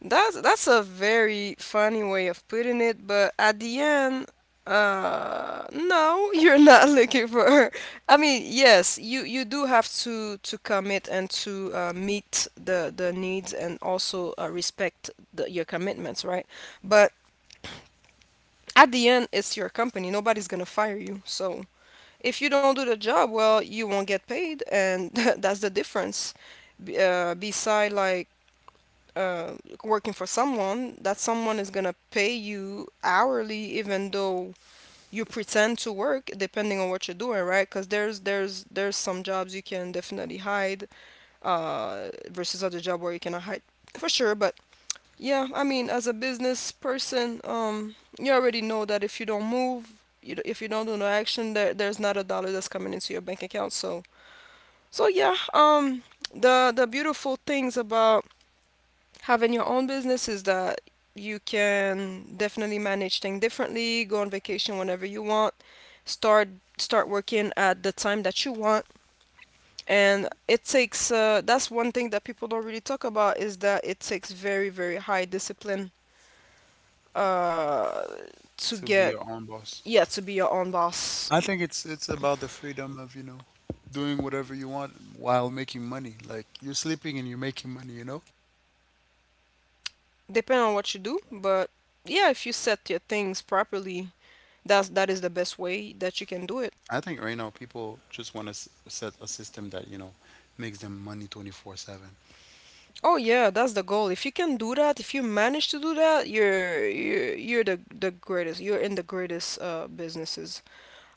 That's a very funny way of putting it, but at the end, no, you're not looking for her. I mean, yes, you do have to commit and to meet the needs and also respect the, your commitments, right? But at the end, it's your company. Nobody's gonna fire you. So if you don't do the job, well, you won't get paid, and that's the difference. Beside like uh, working for someone, that someone is gonna pay you hourly, even though you pretend to work, depending on what you're doing, right? Because there's some jobs you can definitely hide, versus other job where you cannot hide for sure. But yeah, I mean, as a business person, you already know that if you don't move, if you don't do no action, there's not a dollar that's coming into your bank account. So so yeah, the beautiful things about having your own business is that you can definitely manage things differently, go on vacation whenever you want, start start working at the time that you want. And it takes that's one thing that people don't really talk about, is that it takes very, very high discipline uh, to To be get, your own boss. yeah, to be your own boss. I think it's about the freedom of, you know, doing whatever you want while making money. Like you're sleeping and you're making money, you know? Depending on what you do, but yeah, if you set your things properly, that is the best way that you can do it. I think right now people just want to set a system that, you know, makes them money 24/7. Oh yeah, that's the goal. If you can do that, if you manage to do that, you're the greatest. You're in the greatest businesses.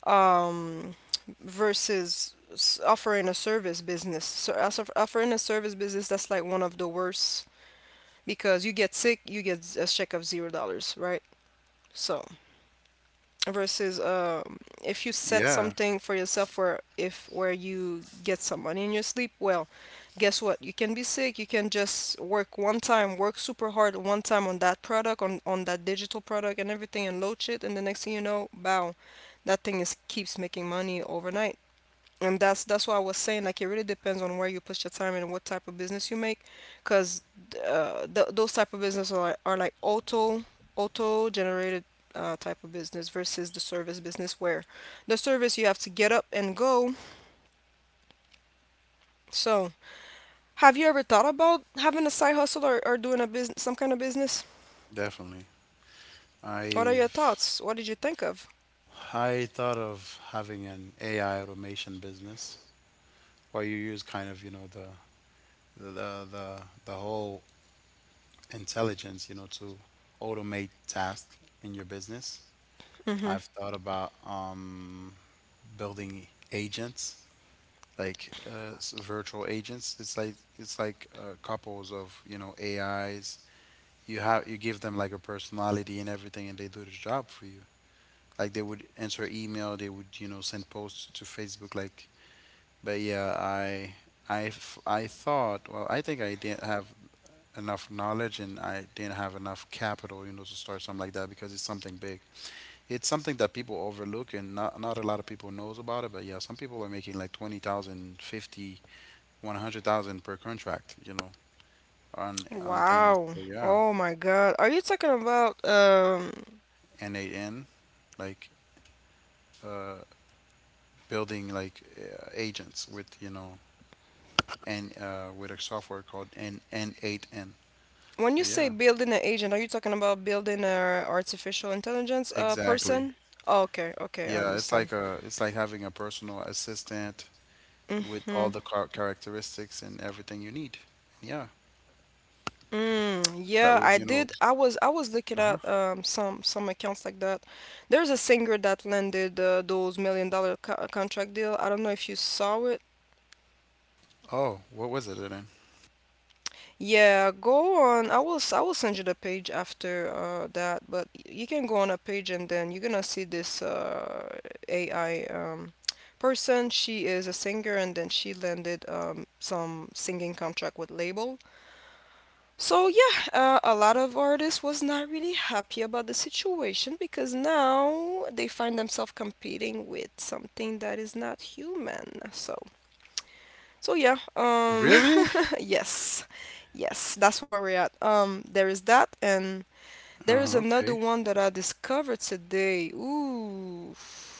Um, offering a service business. So as offering a service business, that's like one of the worst, because you get sick, you get a check of $0, right? So versus if you set Yeah, something for yourself where if where you get some money in your sleep, well, guess what, you can be sick, you can just work one time, work super hard one time on that product, on that digital product and everything, and load shit, and the next thing you know, bow, that thing is keeps making money overnight. And that's why I was saying, like, it really depends on where you put your time and what type of business you make, because those type of business are like auto auto generated type of business versus the service business, where the service you have to get up and go. So have you ever thought about having a side hustle, or doing a business, some kind of business? definitely. What are your I've thoughts? What did you think of? I thought of having an AI automation business where you use kind of, you know, the the whole intelligence, you know, to automate tasks in your business. Mm-hmm. I've thought about building agents like virtual agents. It's like couples of, you know, AIs you have you give them like a personality and everything and they do the job for you like they would answer email they would you know send posts to Facebook like but I thought well I didn't have enough knowledge and I didn't have enough capital you know to start something like that because it's something big. It's something that people overlook and not a lot of people knows about it but yeah some people are making like 20,000, 50, 100,000 per contract you know on things Wow. so yeah. Oh my God. Are you talking about um? And they in like uh building like agents with you know and with a software called N N8N. When you So say yeah, building an agent, are you talking about building a artificial intelligence exactly. person? Oh, okay, okay, I Yeah, it's understand. like a it's like having a personal assistant with all Mm-hmm. the car characteristics and everything you need. Yeah, Mm, that yeah, would I you know. did. I was looking Uh-huh. at some accounts like that. There's a singer that landed those $1 million contract deal. I don't know if you saw it. Oh, what was it then? Yeah, go on. I will send you the page after that, but you can go on a page and then you're gonna see this AI person. She is a singer, and then she landed some singing contract with label. So yeah, a lot of artists was not really happy about the situation, because now they find themselves competing with something that is not human. So so yeah, Really? yes, yes, that's where we're at. There is that, and there is Oh, another okay. one that I discovered today. Ooh,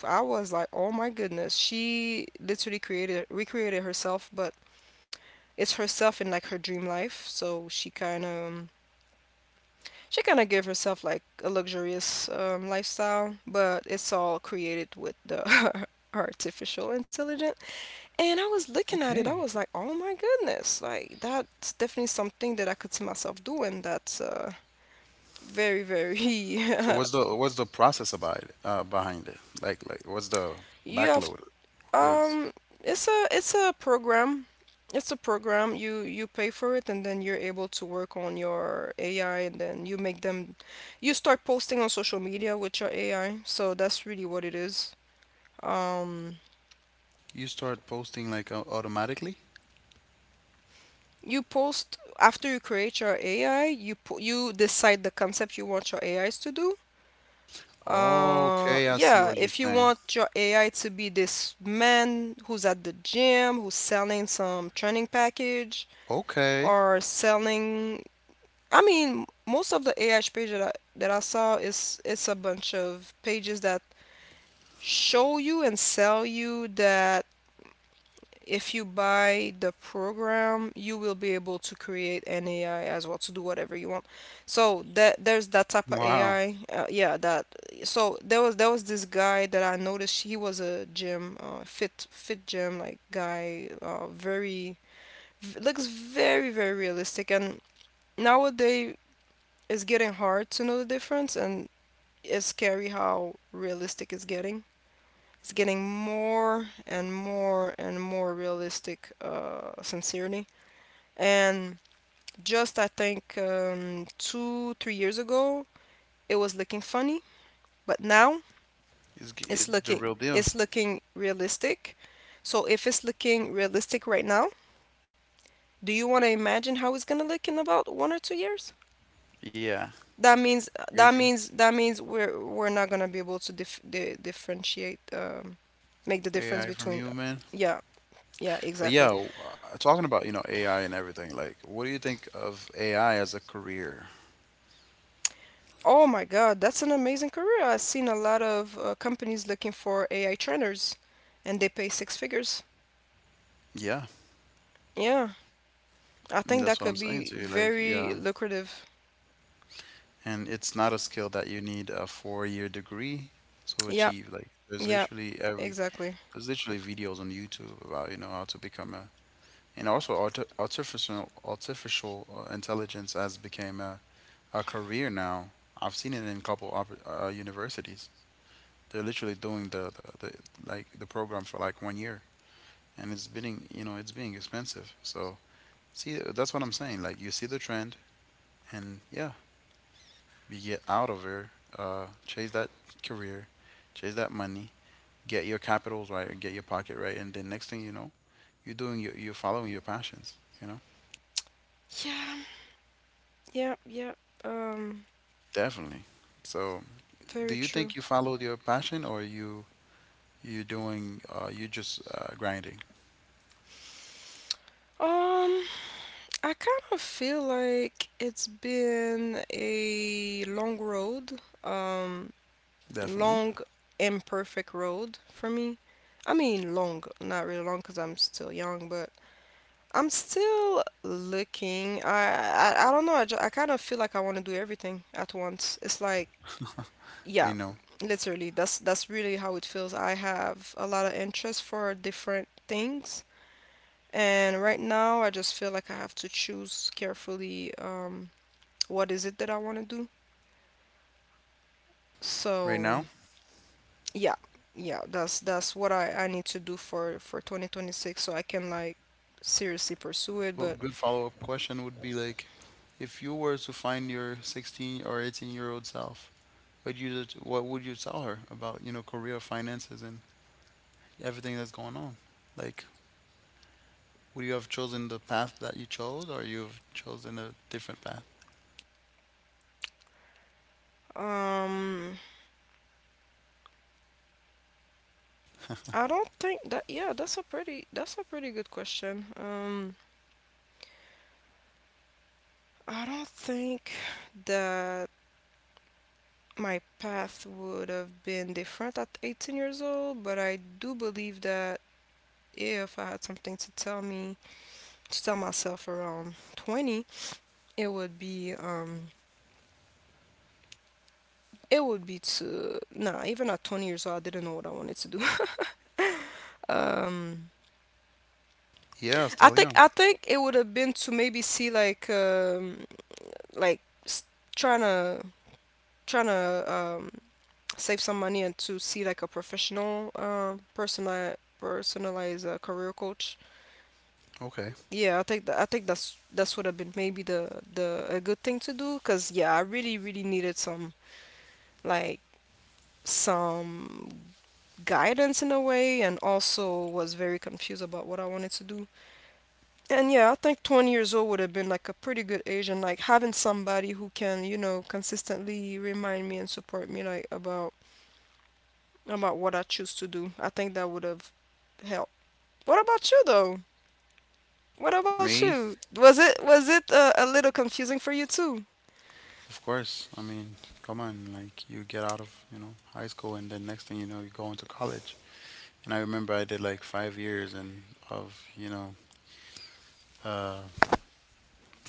I was like, oh my goodness, she literally created, recreated herself, but it's herself in like her dream life. So she kind of gave herself like a luxurious um lifestyle, but it's all created with the artificial intelligence. And I was looking at it, I Okay. was like, oh my goodness, like that's definitely something that I could see myself doing. That's very, very. So what's the process about it, behind it? Like what's the You have backload is? um, it's a program. It's a program. You pay for it, and then you're able to work on your AI, and then you make them. You start posting on social media with your AI. So that's really what it is. Um, You start posting like automatically? you post after you create your AI. You you decide the concept you want your AIs to do. Okay, I see Yeah, what you're if you saying. want your AI to be this man who's at the gym, who's selling some training package, Okay. or selling, I mean, most of the AI page that I, saw is, it's a bunch of pages that show you and sell you that if you buy the program, you will be able to create an AI as well to do whatever you want. So that there's that type of Wow. AI. Yeah, that. So there was this guy that I noticed. He was a gym, fit gym like guy. Looks very, very realistic. And nowadays it's getting hard to know the difference, and it's scary how realistic it's getting. It's getting more and more and more realistic, sincerely. And just I think 2 3 years ago, it was looking funny, but now it's It's the looking real deal. it's looking realistic. So if it's looking realistic right now, do you want to imagine how it's gonna look in about 1 or 2 years? Yeah, crazy. That means we're not gonna be able to differentiate, make the difference AI from between. human. Yeah, yeah, But exactly. yeah, talking about, you know, AI and everything, like what do you think of AI as a career? Oh my God, that's an amazing career. I've seen a lot of companies looking for AI trainers, and they pay 6 figures. Yeah, Yeah, I and think that's that what I'm could saying be to you. Like, very yeah, lucrative. and it's not a skill that you need a four-year degree to Yeah, achieve. Like, yeah, exactly. there's literally videos on YouTube about, you know, how to become a and also artificial intelligence has become a career now. I've seen it in a couple of universities. They're literally doing the program for like 1 year, and it's being you know it's being expensive. So see, that's what I'm saying. Like you see the trend, and yeah, you get out of here, chase that career, chase that money, get your capitals right, and get your pocket right, and then next thing you know, you're following your passions. You know, Yeah, yeah, yeah. Um, definitely. So do very you true. think you followed your passion, or you doing you just grinding? Um, I kind of feel like it's been a long road, um, Definitely. long, imperfect road for me. I mean, long, not really long because I'm still young, but I'm still looking. I don't know. I kind of feel like I want to do everything at once. It's like, I yeah, know. literally. That's really how it feels. I have a lot of interest for different things, and right now I just feel like I have to choose carefully what is it that I want to do. Right So, now, yeah. Yeah, that's what I need to do for 2026, so I can like seriously pursue it, well, but good follow-up question would be like, if you were to find your 16 or 18-year-old self, what would you tell her about, you know, career, finances, and everything that's going on? Like, would you have chosen the path that you chose, or you have chosen a different path? um I don't think that, yeah, that's a pretty good question. I don't think that my path would have been different at 18 years old, but I do believe that if I had something to tell me, to tell myself around 20, it would be um it would be to, nah, even at 20 years old, I didn't know what I wanted to do. Um, Yeah, I still think I young. think it would have been to maybe see like like s- trying to trying to um, save some money and to see like a professional personalized career coach. Okay. Yeah, I think that, I think that's would have been maybe the a good thing to do, because yeah, I really really needed some like some guidance in a way, and also was very confused about what I wanted to do. And yeah, I think 20 years old would have been like a pretty good age, and like having somebody who can, you know, consistently remind me and support me like about what I choose to do. I think that would have helped. What about you though? What about Me? you? Was it a little confusing for you too? Of course. I mean, come on, like you get out of, you know, high school and then next thing you know, you go into college. And I remember I did like 5 years and of, you know, uh,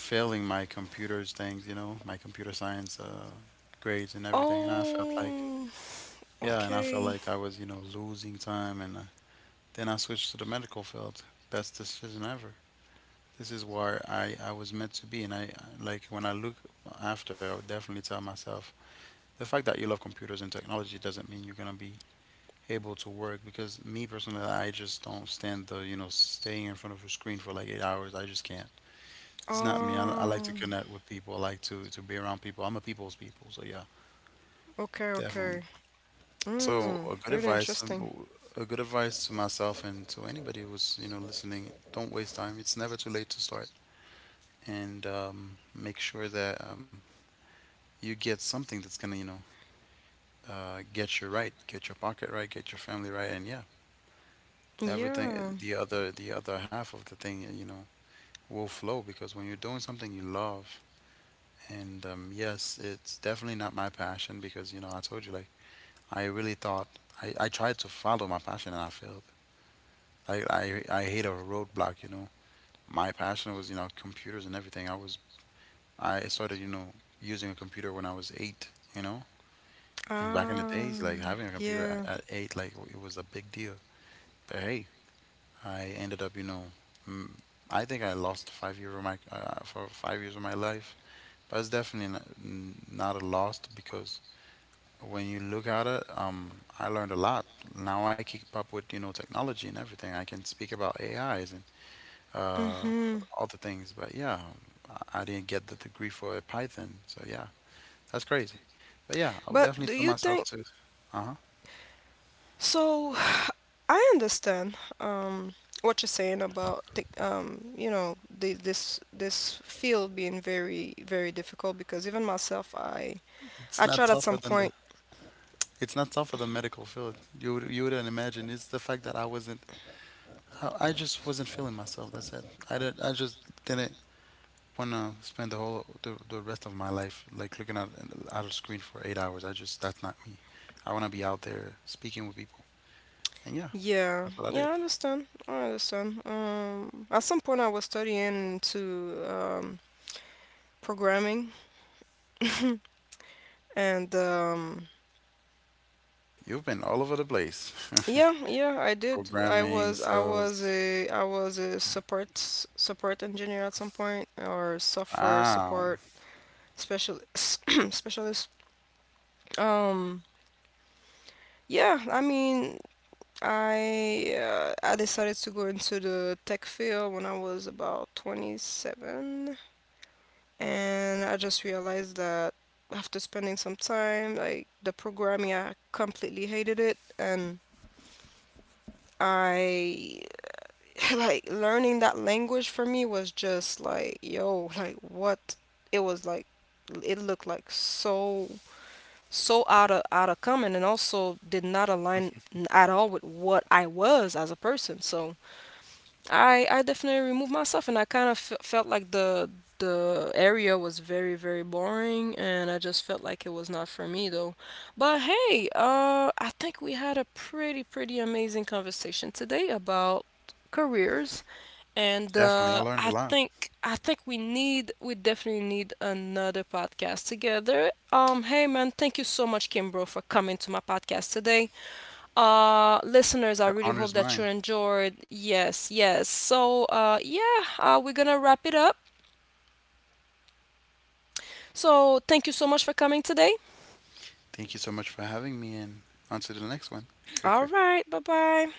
failing my computers things, you know, my computer science grades and everything. And I felt like, Oh, yeah, and I felt okay. like I was, you know, losing time. And then I switched to the medical field. Best decision ever. This is where I was meant to be. Like, when I look after, I would definitely tell myself the fact that you love computers and technology doesn't mean you're going to be able to work because me personally I just don't stand the you know staying in front of a screen for like 8 hours I just can't. It's not me. I like to Um, connect with people. I like to be around people. I'm a people's people. So yeah, okay, definitely. okay. So Mm, a good really advice, interesting. To myself and to anybody who's you know listening. Don't waste time. It's never too late to start, and make sure that you get something that's gonna you know get you right, get your pocket right, get your family right, and yeah, everything. Yeah. The other half of the thing, you know, will flow because when you're doing something you love. And yes, it's definitely not my passion because, you know, I told you, like, I really thought I tried to follow my passion and I failed. Like, I hit a roadblock, you know. My passion was, you know, computers and everything. I was, I started, you know, using a computer when I was eight, you know. And back in the Ah, days, like, having a computer yeah. at eight, like, it was a big deal. But hey, I ended up, you know, mm, I think I lost 5 years of my, for 5 years of my life. But it's definitely not a loss because when you look at it, I learned a lot. Now I keep up with you know technology and everything. I can speak about AIs and uh, Mhm. other things. But yeah, I didn't get the degree for Python. So yeah, that's crazy. But yeah, I would But definitely do tell you myself think? to. Uh huh. So, I understand what you're saying about you know, the, this field being very very difficult, because even myself I It's I not tried at tougher some than the. point. It's not tougher than medical field. You would you wouldn't imagine. It's the fact that I wasn't. I just wasn't feeling myself. That's it. I just didn't wanna spend the rest of my life like looking at a screen for 8 hours. I just that's not me. I wanna be out there speaking with people. And yeah, Yeah, that's what I did. yeah, I understand. I understand. At some point I was studying into um programming and You've been all over the place, yeah, yeah, I did. Programming, sales. I was a support engineer at some point, or software Wow, support specialist specialist. Um, yeah, I mean, I I decided to go into the tech field when I was about 27, and I just realized that after spending some time, like, the programming I completely hated it, and I like learning that language for me was just like, yo, like what? It was like, it looked like so so out of common, and also did not align at all with what I was as a person. So I definitely removed myself, and I kind of felt like the area was very very boring, and I just felt like it was not for me though. But hey, I think we had a pretty pretty amazing conversation today about careers. And definitely. I learned a lot. I think we need, we definitely need another podcast together. Hey man, thank you so much, Kimbro, for coming to my podcast today. Listeners, I The really honor is hope that you mine. enjoyed. Yes, yes. So yeah, we're gonna wrap it up. So thank you so much for coming today. Thank you so much for having me, and on to the next one. All right, bye bye.